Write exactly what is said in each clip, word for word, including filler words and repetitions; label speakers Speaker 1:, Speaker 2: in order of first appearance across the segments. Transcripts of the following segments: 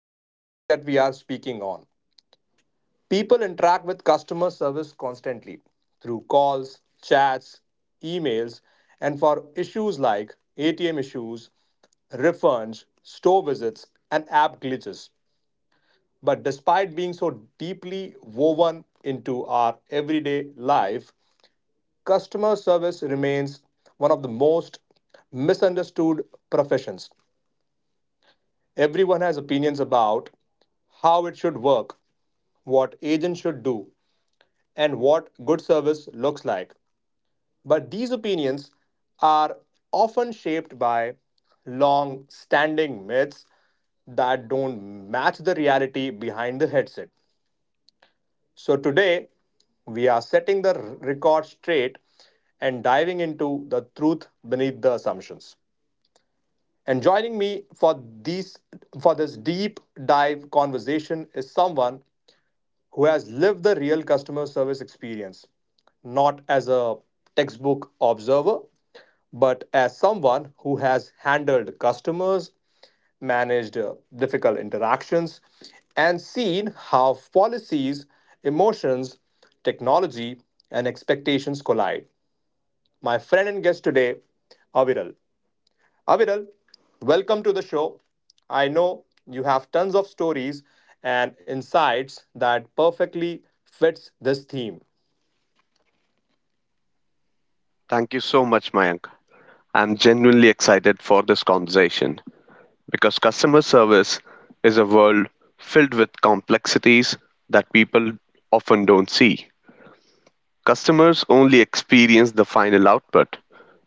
Speaker 1: This is a topic that we are speaking on. People interact with customer service constantly through calls, chats, emails, and for issues like A T M issues, refunds, store visits, and app glitches. But despite being so deeply woven into our everyday life, customer service remains one of the most misunderstood professions. Everyone has opinions about how it should work, what agents should do, and what good service looks like. But these opinions are often shaped by long standing myths that don't match the reality behind the headset. So today, we are setting the record straight and diving into the truth beneath the assumptions. And joining me for these for this deep dive conversation is someone who has lived the real customer service experience, not as a textbook observer, but as someone who has handled customers, managed uh, difficult interactions, and seen how policies, emotions, technology, and expectations collide. My friend and guest today, Aviral. Aviral, welcome to the show. I know you have tons of stories and insights that perfectly fits this theme.
Speaker 2: Thank you so much, Mayank. I'm genuinely excited for this conversation because customer service is a world filled with complexities that people often don't see. Customers only experience the final output,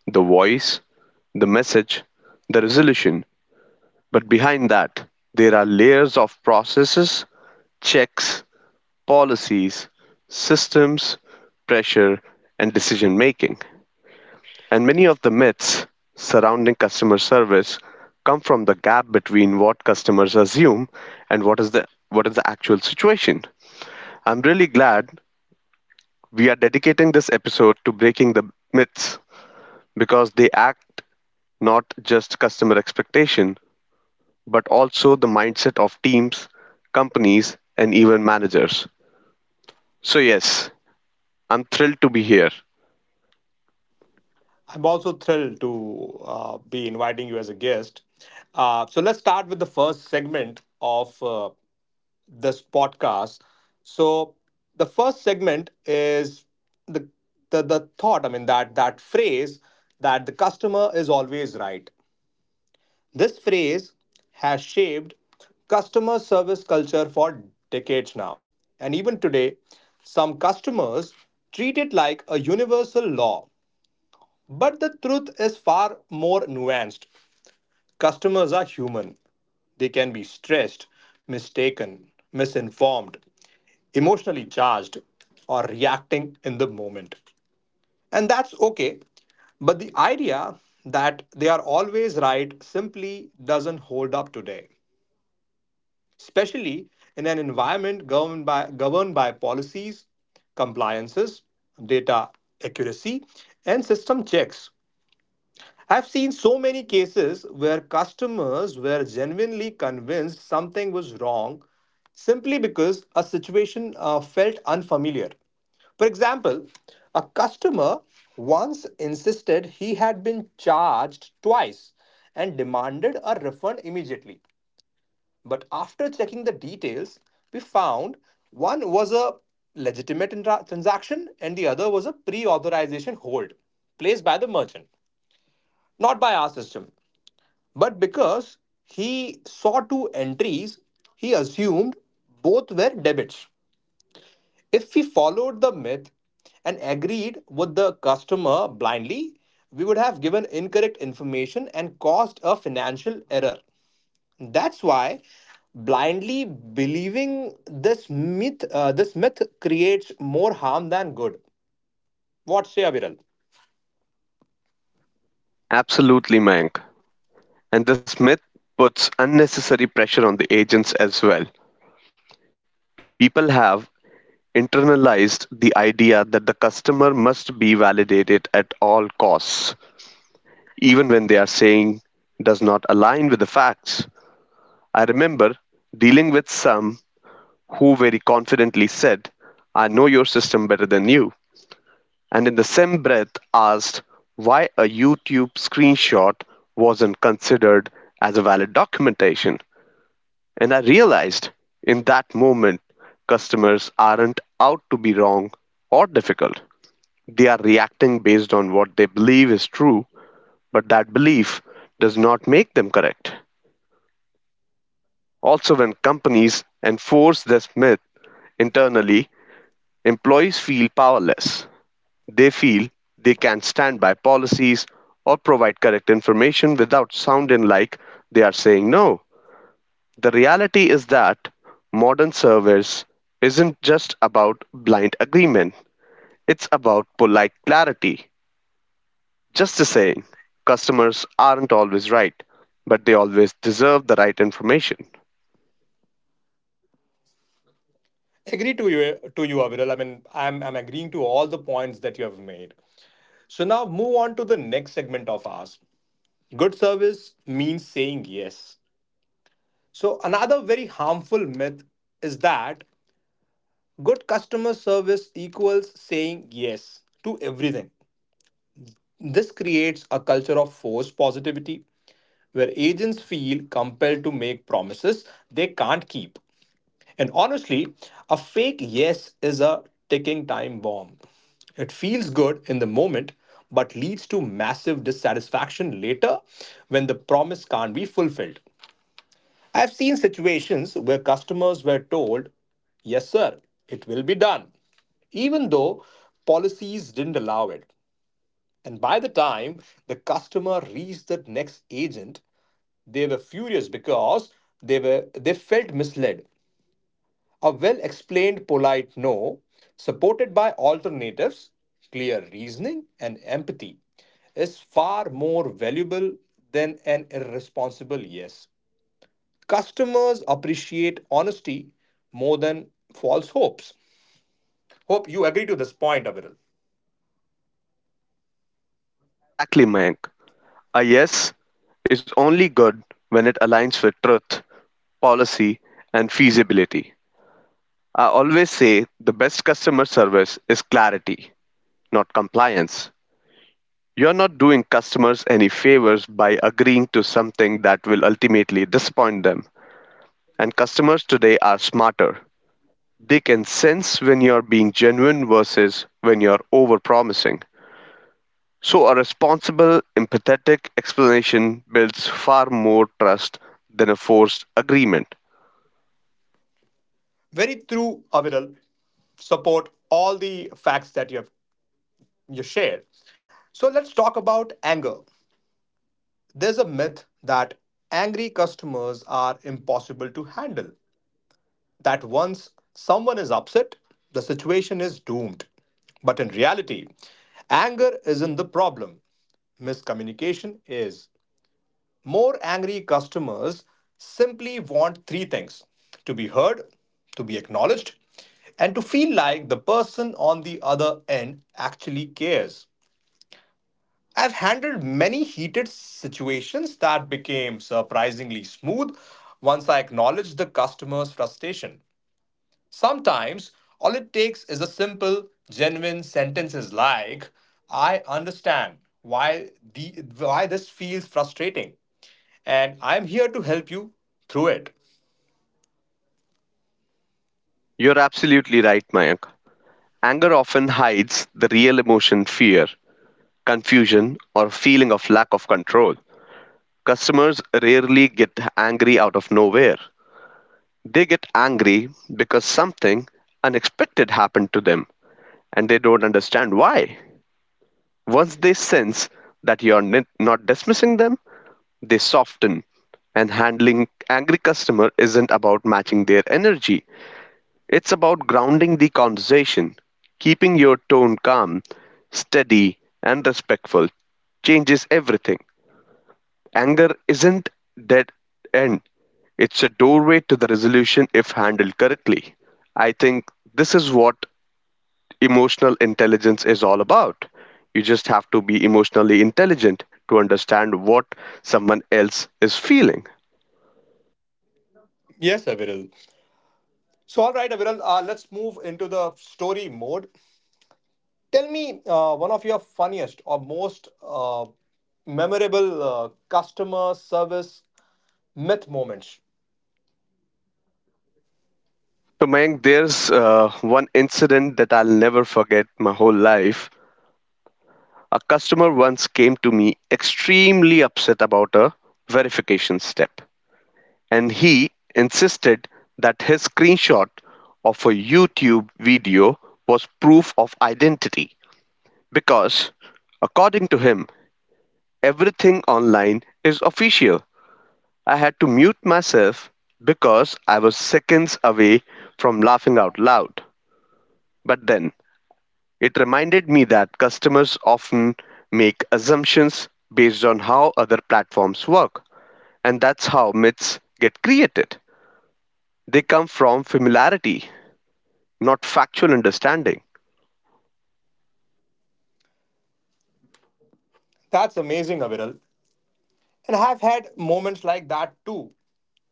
Speaker 2: the voice, the message, the resolution. But behind that, there are layers of processes, checks, policies, systems, pressure, and decision making. And many of the myths surrounding customer service come from the gap between what customers assume and what is the what is the actual situation. I'm really glad we are dedicating this episode to breaking the myths because they act not just customer expectation but also the mindset of teams, companies and even managers. So yes, I'm thrilled to be here.
Speaker 1: I'm also thrilled to uh, be inviting you as a guest. Uh, so let's start with the first segment of uh, this podcast. So the first segment is the, the the thought. I mean, that that phrase that the customer is always right. This phrase has shaped customer service culture for decades now. And even today, some customers treat it like a universal law. But the truth is far more nuanced. Customers are human, they can be stressed, mistaken, misinformed, emotionally charged, or reacting in the moment. And that's okay. But the idea that they are always right simply doesn't hold up today, especially in an environment governed by, governed by policies, compliances, data accuracy, and system checks. I've seen so many cases where customers were genuinely convinced something was wrong simply because a situation uh, felt unfamiliar. For example, a customer once insisted he had been charged twice and demanded a refund immediately. But after checking the details, we found one was a legitimate intra- transaction and the other was a pre authorization hold placed by the merchant, not by our system. But because he saw two entries, he assumed both were debits. If we followed the myth and agreed with the customer blindly, we would have given incorrect information and caused a financial error. That's why blindly believing this myth, uh, this myth creates more harm than good. What say, Aviral?
Speaker 2: Absolutely, Mayank. And this myth puts unnecessary pressure on the agents as well. People have internalized the idea that the customer must be validated at all costs, even when they are saying does not align with the facts. I remember dealing with some who very confidently said, I know your system better than you, and in the same breath asked why a YouTube screenshot wasn't considered as a valid documentation. And I realized in that moment customers aren't out to be wrong or difficult. They are reacting based on what they believe is true, but that belief does not make them correct. Also, when companies enforce this myth internally, employees feel powerless. They feel they can't stand by policies or provide correct information without sounding like they are saying no. The reality is that modern service isn't just about blind agreement, it's about polite clarity. Just a saying, customers aren't always right, but they always deserve the right information.
Speaker 1: Agree to you, to you, Aviral. I mean, I'm I'm agreeing to all the points that you have made. So now move on to the next segment of ours. Good service means saying yes. So another very harmful myth is that good customer service equals saying yes to everything. This creates a culture of forced positivity where agents feel compelled to make promises they can't keep. And honestly, a fake yes is a ticking time bomb. It feels good in the moment, but leads to massive dissatisfaction later when the promise can't be fulfilled. I've seen situations where customers were told, "Yes, sir, it will be done," even though policies didn't allow it. And by the time the customer reached the next agent, they were furious because they were they felt misled. A well-explained polite no, supported by alternatives, clear reasoning, and empathy, is far more valuable than an irresponsible yes. Customers appreciate honesty more than false hopes. Hope you agree to this point, Aviral.
Speaker 2: Exactly, Mayank. A yes is only good when it aligns with truth, policy, and feasibility. I always say the best customer service is clarity, not compliance. You're not doing customers any favors by agreeing to something that will ultimately disappoint them. And customers today are smarter. They can sense when you're being genuine versus when you're overpromising. So a responsible, empathetic explanation builds far more trust than a forced agreement.
Speaker 1: Very true, Aviral. Support all the facts that you have you shared. So let's talk about anger. There's a myth that angry customers are impossible to handle, that once someone is upset, the situation is doomed. But in reality, anger isn't the problem, miscommunication is. More angry customers simply want three things: to be heard, to be acknowledged, and to feel like the person on the other end actually cares. I've handled many heated situations that became surprisingly smooth once I acknowledged the customer's frustration. Sometimes, all it takes is a simple, genuine sentences like, "I understand why, the, why this feels frustrating, and I'm here to help you through it."
Speaker 2: You're absolutely right, Mayank. Anger often hides the real emotion fear, confusion, or feeling of lack of control. Customers rarely get angry out of nowhere. They get angry because something unexpected happened to them and they don't understand why. Once they sense that you're n- not dismissing them, they soften. And handling angry customer isn't about matching their energy. It's about grounding the conversation, keeping your tone calm, steady, and respectful changes everything. Anger isn't dead end. It's a doorway to the resolution if handled correctly. I think this is what emotional intelligence is all about. You just have to be emotionally intelligent to understand what someone else is feeling.
Speaker 1: Yes, Aviral. So, all right, Aviral, uh, let's move into the story mode. Tell me uh, one of your funniest or most uh, memorable uh, customer service myth moments.
Speaker 2: So, Mayank, there's uh, one incident that I'll never forget my whole life. A customer once came to me extremely upset about a verification step, and he insisted that his screenshot of a YouTube video was proof of identity because, according to him, everything online is official. I had to mute myself because I was seconds away from laughing out loud. But then it reminded me that customers often make assumptions based on how other platforms work, and that's how myths get created. They come from familiarity, not factual understanding.
Speaker 1: That's amazing, Aviral. And I've had moments like that too.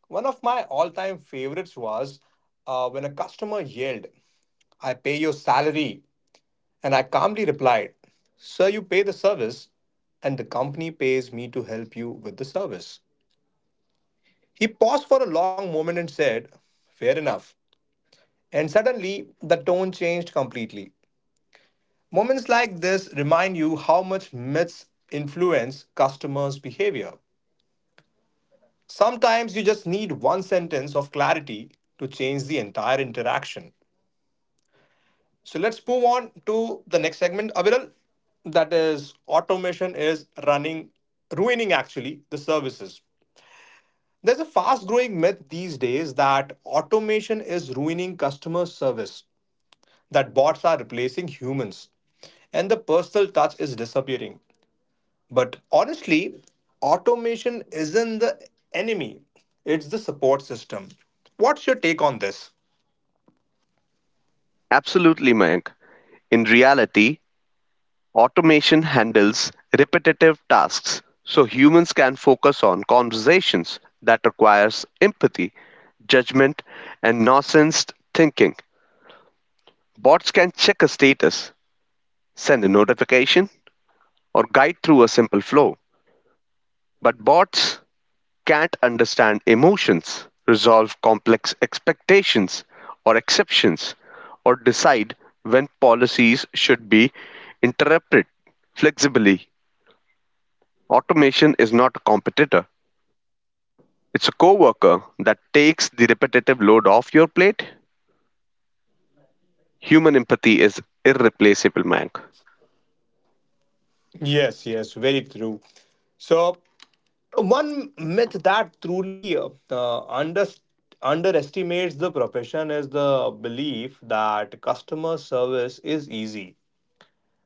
Speaker 1: One of my all time favorites was uh, when a customer yelled, "I pay your salary." And I calmly replied, "Sir, you pay the service, and the company pays me to help you with the service." He paused for a long moment and said, "Fair enough." And suddenly, the tone changed completely. Moments like this remind you how much myths influence customers' behavior. Sometimes you just need one sentence of clarity to change the entire interaction. So let's move on to the next segment, Aviral. That is, automation is running, ruining actually the services. There's a fast growing myth these days that automation is ruining customer service, that bots are replacing humans, and the personal touch is disappearing. But honestly, automation isn't the enemy, it's the support system. What's your take on this?
Speaker 2: Absolutely, Mayank. In reality, automation handles repetitive tasks so humans can focus on conversations that requires empathy, judgment, and nonsense thinking. Bots can check a status, send a notification, or guide through a simple flow. But bots can't understand emotions, resolve complex expectations or exceptions, or decide when policies should be interpreted flexibly. Automation is not a competitor. It's a coworker that takes the repetitive load off your plate. Human empathy is irreplaceable, Mank.
Speaker 1: Yes, yes, very true. So, one myth that truly uh, uh, under, underestimates the profession is the belief that customer service is easy,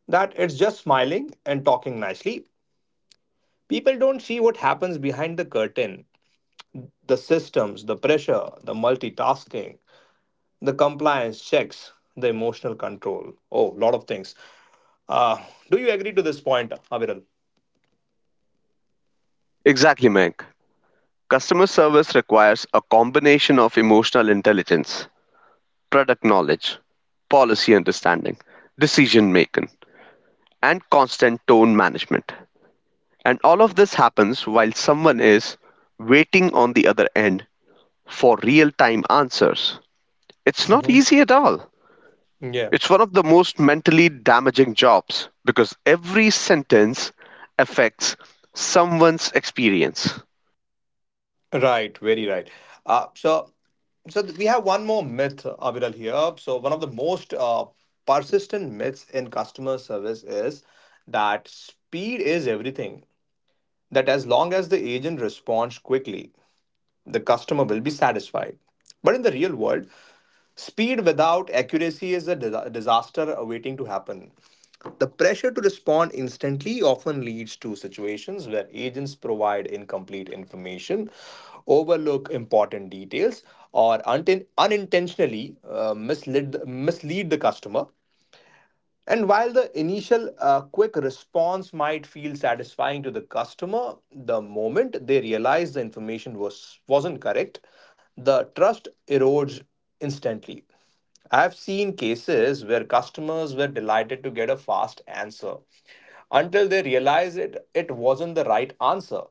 Speaker 1: that it's just smiling and talking nicely. People don't see what happens behind the curtain: the systems, the pressure, the multitasking, the compliance checks, the emotional control. Oh, lot of things. Uh, do you agree to this point, Aviral?
Speaker 2: Exactly, Mank. Customer service requires a combination of emotional intelligence, product knowledge, policy understanding, decision making, and constant tone management. And all of this happens while someone is waiting on the other end for real time answers. It's not
Speaker 1: Mhm.
Speaker 2: easy at all.
Speaker 1: Yeah,
Speaker 2: It's one of the most mentally damaging jobs because every sentence affects someone's experience.
Speaker 1: right, very right. Uh, so, so th- we have one more myth, Aviral, here. So, one of the most uh, persistent myths in customer service is that speed is everything. That as long as the agent responds quickly, the customer will be satisfied. But in the real world, speed without accuracy is a dis- disaster waiting to happen. The pressure to respond instantly often leads to situations where agents provide incomplete information, overlook important details, or unten- unintentionally uh, mislead, mislead the customer. And while the initial uh, quick response might feel satisfying to the customer, the moment they realize the information was wasn't correct, the trust erodes instantly. I've seen cases where customers were delighted to get a fast answer until they realize it it wasn't the right answer.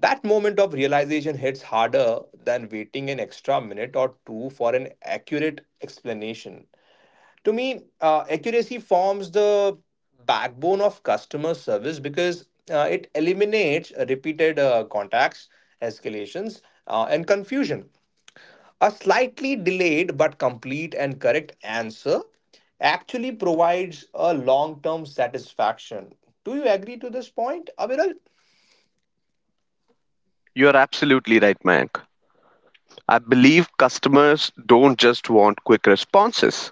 Speaker 1: That moment of realization hits harder than waiting an extra minute or two for an accurate explanation. To me, uh, accuracy forms the backbone of customer service because uh, it eliminates repeated uh, contacts, escalations, uh, and confusion. A slightly delayed but complete and correct answer actually provides a long term satisfaction. Do you agree to this point, Aviral?
Speaker 2: You're absolutely right, Mayank. I believe customers don't just want quick responses.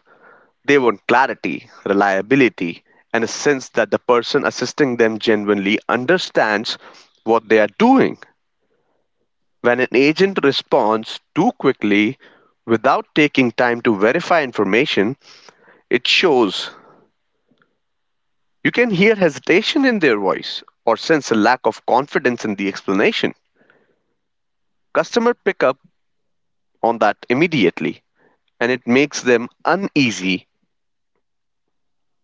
Speaker 2: They want clarity, reliability, and a sense that the person assisting them genuinely understands what they are doing. When an agent responds too quickly without taking time to verify information, it shows. You can hear hesitation in their voice or sense a lack of confidence in the explanation. Customer pick up on that immediately and it makes them uneasy.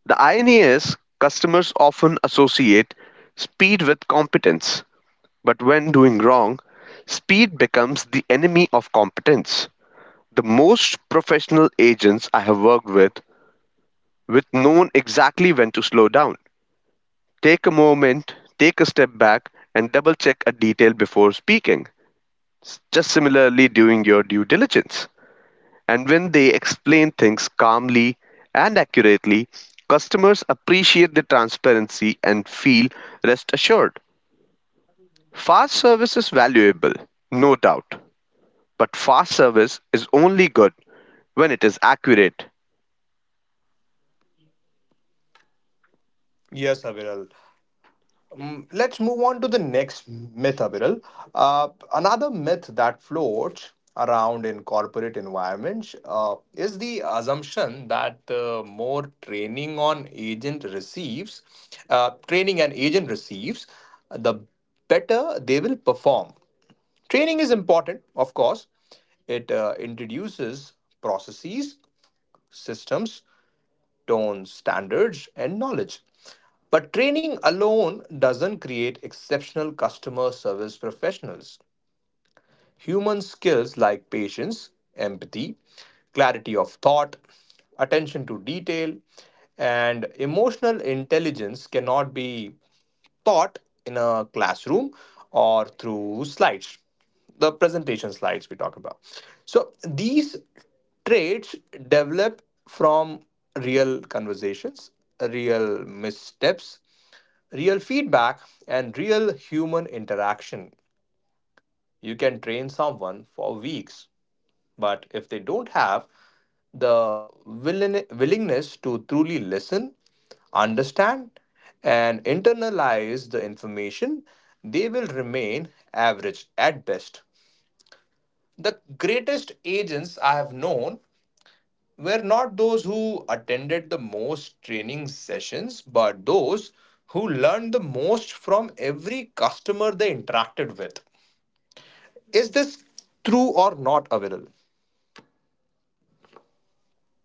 Speaker 2: The irony is customers often associate speed with competence. But when doing wrong, speed becomes the enemy of competence. The most professional agents I have worked with with known exactly when to slow down. Take a moment, take a step back and double check a detail before speaking. S- Just similarly doing your due diligence. And when they explain things calmly and accurately, customers appreciate the transparency and feel rest assured. Fast service is valuable, no doubt, but fast service is only good when it is accurate.
Speaker 1: Yes, Aviral. Mm, let's move on to the next myth, Abiral. Uh, another myth that floats around in corporate environments uh, is the assumption that uh, more training on agent receives, uh, training an agent receives, the better they will perform. Training is important, of course. It uh, introduces processes, systems, tone standards and knowledge. But training alone doesn't create exceptional customer service professionals. Human skills like patience, empathy, clarity of thought, attention to detail, and emotional intelligence cannot be taught in a classroom or through slides, the presentation slides we talk about. So these traits develop from real conversations, real missteps, real feedback, and real human interaction. You can train someone for weeks, but if they don't have the willing, willingness to truly listen, understand, and internalize the information, they will remain average at best. The greatest agents I have known were not those who attended the most training sessions, but those who learned the most from every customer they interacted with. Is this true or not, Aviral?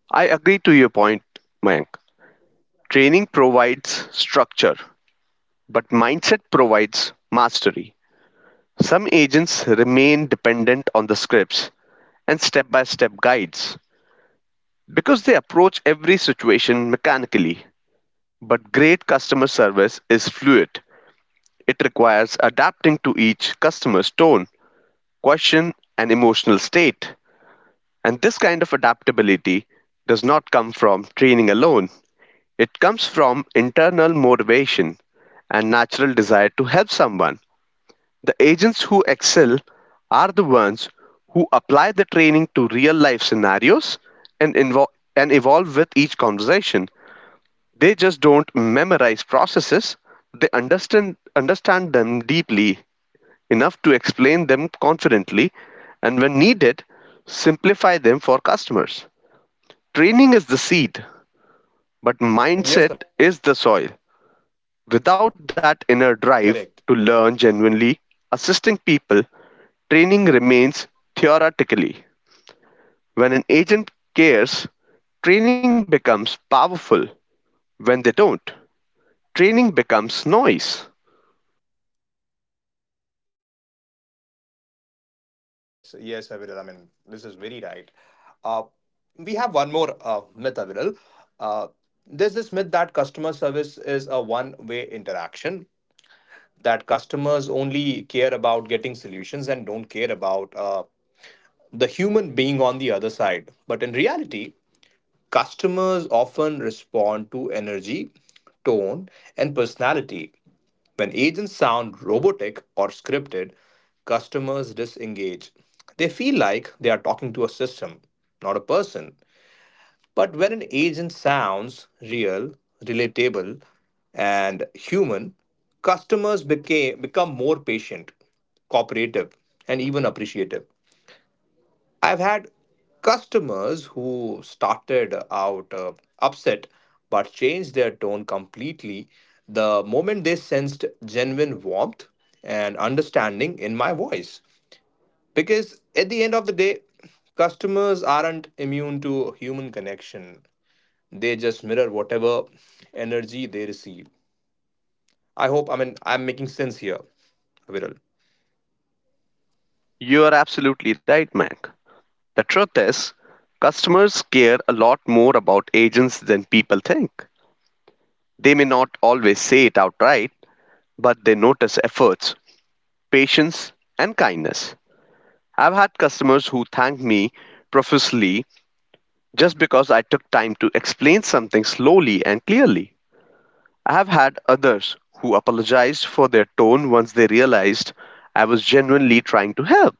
Speaker 2: I agree to your point, Mayank. Training provides structure, but mindset provides mastery. Some agents remain dependent on the scripts and step by step guides because they approach every situation mechanically. But great customer service is fluid, it requires adapting to each customer's tone, question, and emotional state. And this kind of adaptability does not come from training alone. It comes from internal motivation and natural desire to help someone. The agents who excel are the ones who apply the training to real life scenarios and, invo- and evolve with each conversation. They just don't memorize processes, they understand, understand them deeply enough to explain them confidently and, when needed, simplify them for customers. Training is the seed, but
Speaker 1: Yes, Aviral.
Speaker 2: mindset is the soil. Without
Speaker 1: Correct.
Speaker 2: that inner drive to learn genuinely, assisting people, training remains theoretically. When an agent cares, training becomes powerful. When they don't, training becomes noise.
Speaker 1: Yes, yes, Aviral. I mean, this is very right. Uh, we have one more uh, myth, Aviral. Uh, there's this myth that customer service is a one-way interaction, that customers only care about getting solutions and don't care about uh, the human being on the other side. But in reality, customers often respond to energy, tone, and personality. When agents sound robotic or scripted, customers disengage. They feel like they are talking to a system, not a person. But when an agent sounds real, relatable, and human, customers became, become more patient, cooperative, and even appreciative. I've had customers who started out uh, upset but changed their tone completely the moment they sensed genuine warmth and understanding in my voice. Because at the end of the day, customers aren't immune to human connection, they just mirror whatever energy they receive. I hope, I mean, I'm making sense here, Viral.
Speaker 2: You are absolutely right, Mac. The truth is, customers care a lot more about agents than people think. They may not always say it outright, but they notice efforts, patience, and kindness. I've had customers who thanked me profusely just because I took time to explain something slowly and clearly. I have had others who apologized for their tone once they realized I was genuinely trying to help.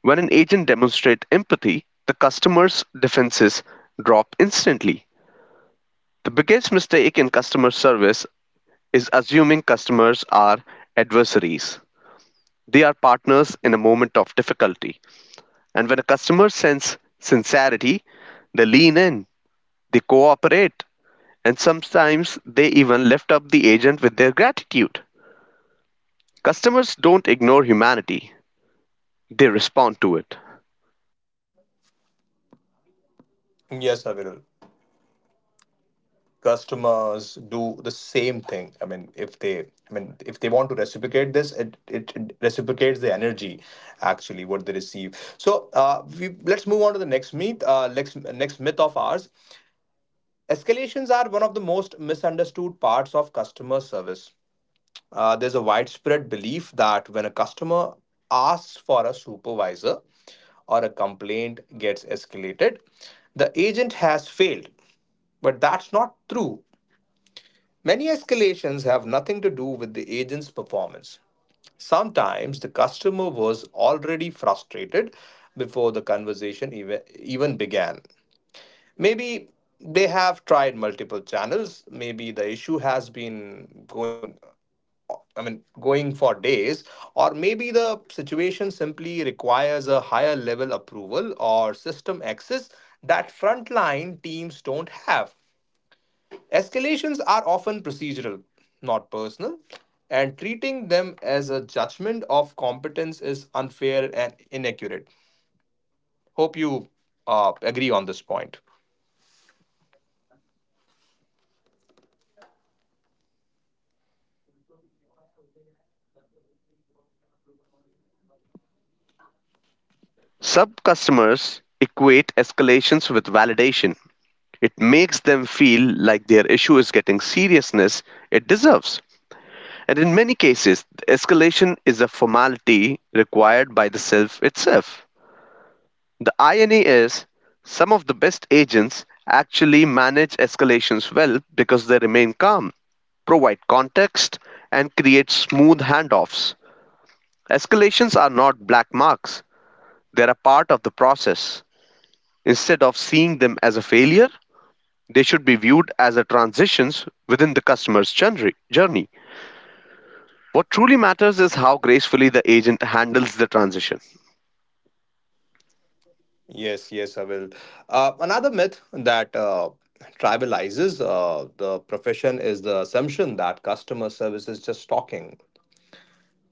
Speaker 2: When an agent demonstrates empathy, the customer's defenses drop instantly. The biggest mistake in customer service is assuming customers are adversaries. They are partners in a moment of difficulty. And when a customer senses sincerity, they lean in, they cooperate, and sometimes they even lift up the agent with their gratitude. Customers don't ignore humanity, they respond to it.
Speaker 1: Yes, sir, Viral. Customers do the same thing. I mean, if they i mean if they want to reciprocate this, it, it, it reciprocates the energy actually what they receive. So uh, we, let's move on to the next myth, uh, next, next myth of ours. Escalations are one of the most misunderstood parts of customer service. uh, there's a widespread belief that when a customer asks for a supervisor or a complaint gets escalated, the agent has failed. But that's not true. Many escalations have nothing to do with the agent's performance. Sometimes the customer was already frustrated before the conversation even, even began. Maybe they have tried multiple channels, maybe the issue has been going I mean going for days, or maybe the situation simply requires a higher level approval or system access that frontline teams don't have. Escalations are often procedural, not personal, and treating them as a judgment of competence is unfair and inaccurate. Hope you uh, agree on this point.
Speaker 2: I completely agree. I've seen brilliant agents face escalation simply because the customer wanted to feel heard at a higher level. Some customers equate escalations with validation. It makes them feel like their issue is getting seriousness it deserves. And in many cases, the escalation is a formality required by the self itself. The irony is, some of the best agents actually manage escalations well because they remain calm, provide context, and create smooth handoffs. Escalations are not black marks, they are a part of the process. Instead of seeing them as a failure, they should be viewed as a transitions within the customer's journey. journey. What truly matters is how gracefully the agent handles the transition.
Speaker 1: Yes, yes, I will. Uh, another myth that uh, tribalizes uh, the profession is the assumption that customer service is just talking.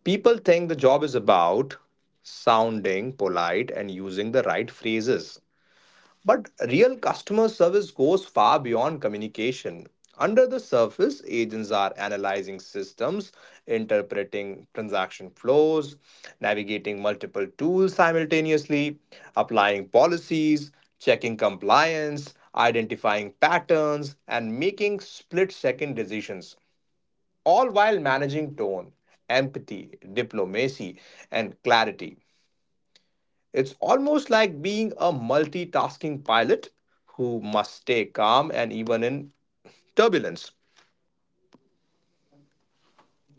Speaker 1: People think the job is about sounding polite and using the right phrases. But real customer service goes far beyond communication. Under the surface, agents are analyzing systems, interpreting transaction flows, navigating multiple tools simultaneously, applying policies, checking compliance, identifying patterns, and making split second decisions, all while managing tone, empathy, diplomacy, and clarity. It's almost like being a multitasking pilot who must stay calm and even in turbulence.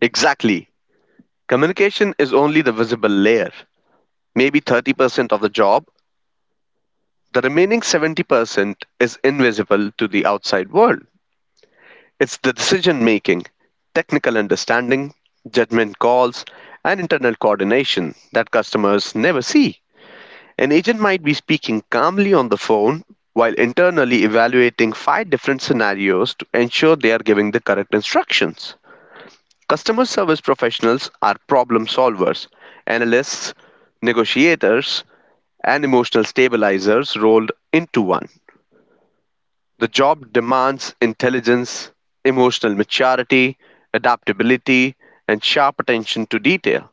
Speaker 2: Exactly. Communication is only the visible layer, maybe thirty percent of the job. The remaining seventy percent is invisible to the outside world. It's the decision making, technical understanding, judgment calls, and internal coordination that customers never see. An agent might be speaking calmly on the phone while internally evaluating five different scenarios to ensure they are giving the correct instructions. Customer service professionals are problem solvers, analysts, negotiators, and emotional stabilizers rolled into one. The job demands intelligence, emotional maturity, adaptability, and sharp attention to detail.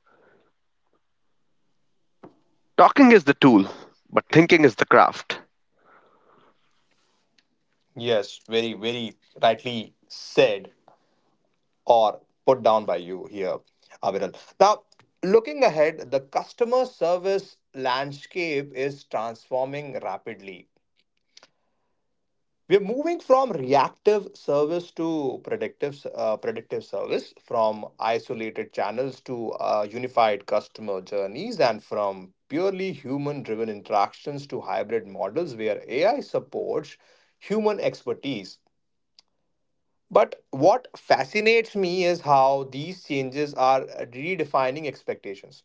Speaker 2: Talking is the tool, but thinking is the craft.
Speaker 1: Yes, very, very rightly said or put down by you here, Aviral. Now, looking ahead, the customer service landscape is transforming rapidly. We're moving from reactive service to predictive s- uh, predictive service, from isolated channels to uh, unified customer journeys, and from purely human driven interactions to hybrid models where AI supports human expertise. But what fascinates me is how these changes are redefining expectations.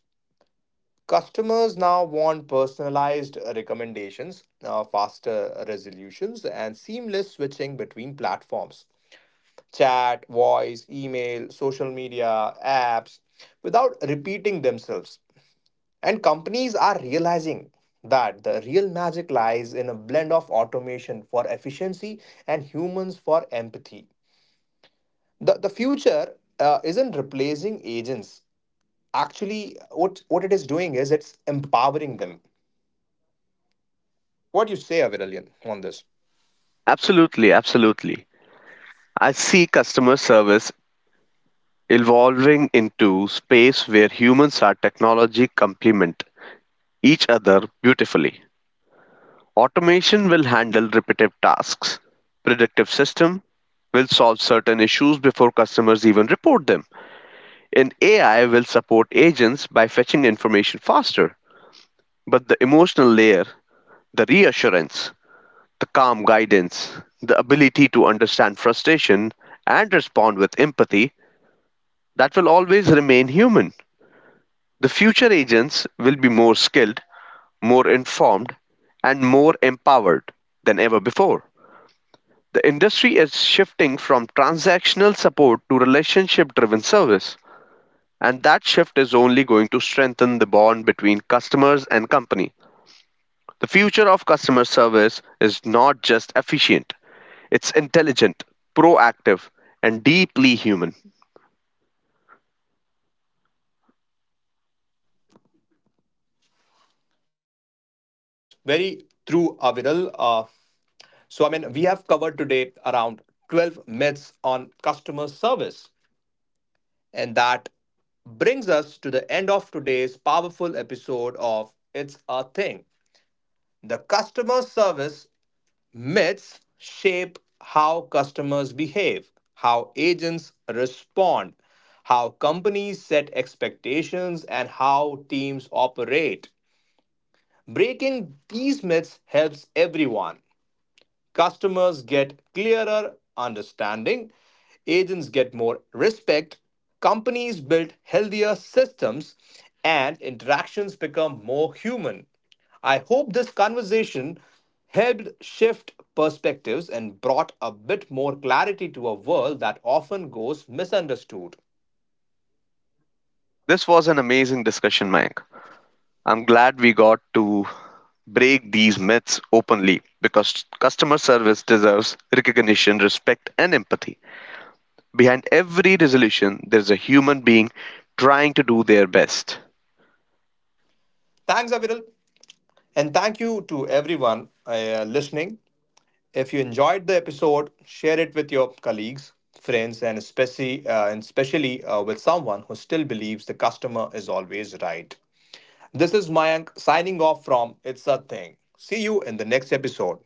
Speaker 1: Customers now want personalized recommendations, uh, faster resolutions, and seamless switching between platforms: chat, voice, email, social media, apps, without repeating themselves. And companies are realizing that the real magic lies in a blend of automation for efficiency and humans for empathy. The, the future uh, isn't replacing agents. Actually, what, what it is doing is it's empowering them. What do you say, Aviralian, on this?
Speaker 2: Absolutely, absolutely. I see customer service evolving into space where humans are technology complement each other beautifully. Automation will handle repetitive tasks. Predictive system will solve certain issues before customers even report them. And A I will support agents by fetching information faster. But the emotional layer, the reassurance, the calm guidance, the ability to understand frustration and respond with empathy, that will always remain human. The future agents will be more skilled, more informed, and more empowered than ever before. The industry is shifting from transactional support to relationship driven service, and that shift is only going to strengthen the bond between customers and company. The future of customer service is not just efficient, it's intelligent, proactive, and deeply human.
Speaker 1: Yes, very true, Aviral. Uh, So, I mean, we have covered today around twelve myths on customer service. And that brings us to the end of today's powerful episode of It's a Thing. The customer service myths shape how customers behave, how agents respond, how companies set expectations, and how teams operate. Breaking these myths helps everyone. Customers get clearer understanding, agents get more respect, companies build healthier systems, and interactions become more human. I hope this conversation helped shift perspectives and brought a bit more clarity to a world that often goes misunderstood.
Speaker 2: This was an amazing discussion, Mike. I'm glad we got to break these myths openly because customer service deserves recognition, respect, and empathy. Behind every resolution, there is a human being trying to do their best.
Speaker 1: Thanks, Aviral. And thank you to everyone uh, listening. If you enjoyed the episode, share it with your colleagues, friends, and especially, uh, and especially uh, with someone who still believes the customer is always right. This is Mayank signing off from It's a Thing. See you in the next episode.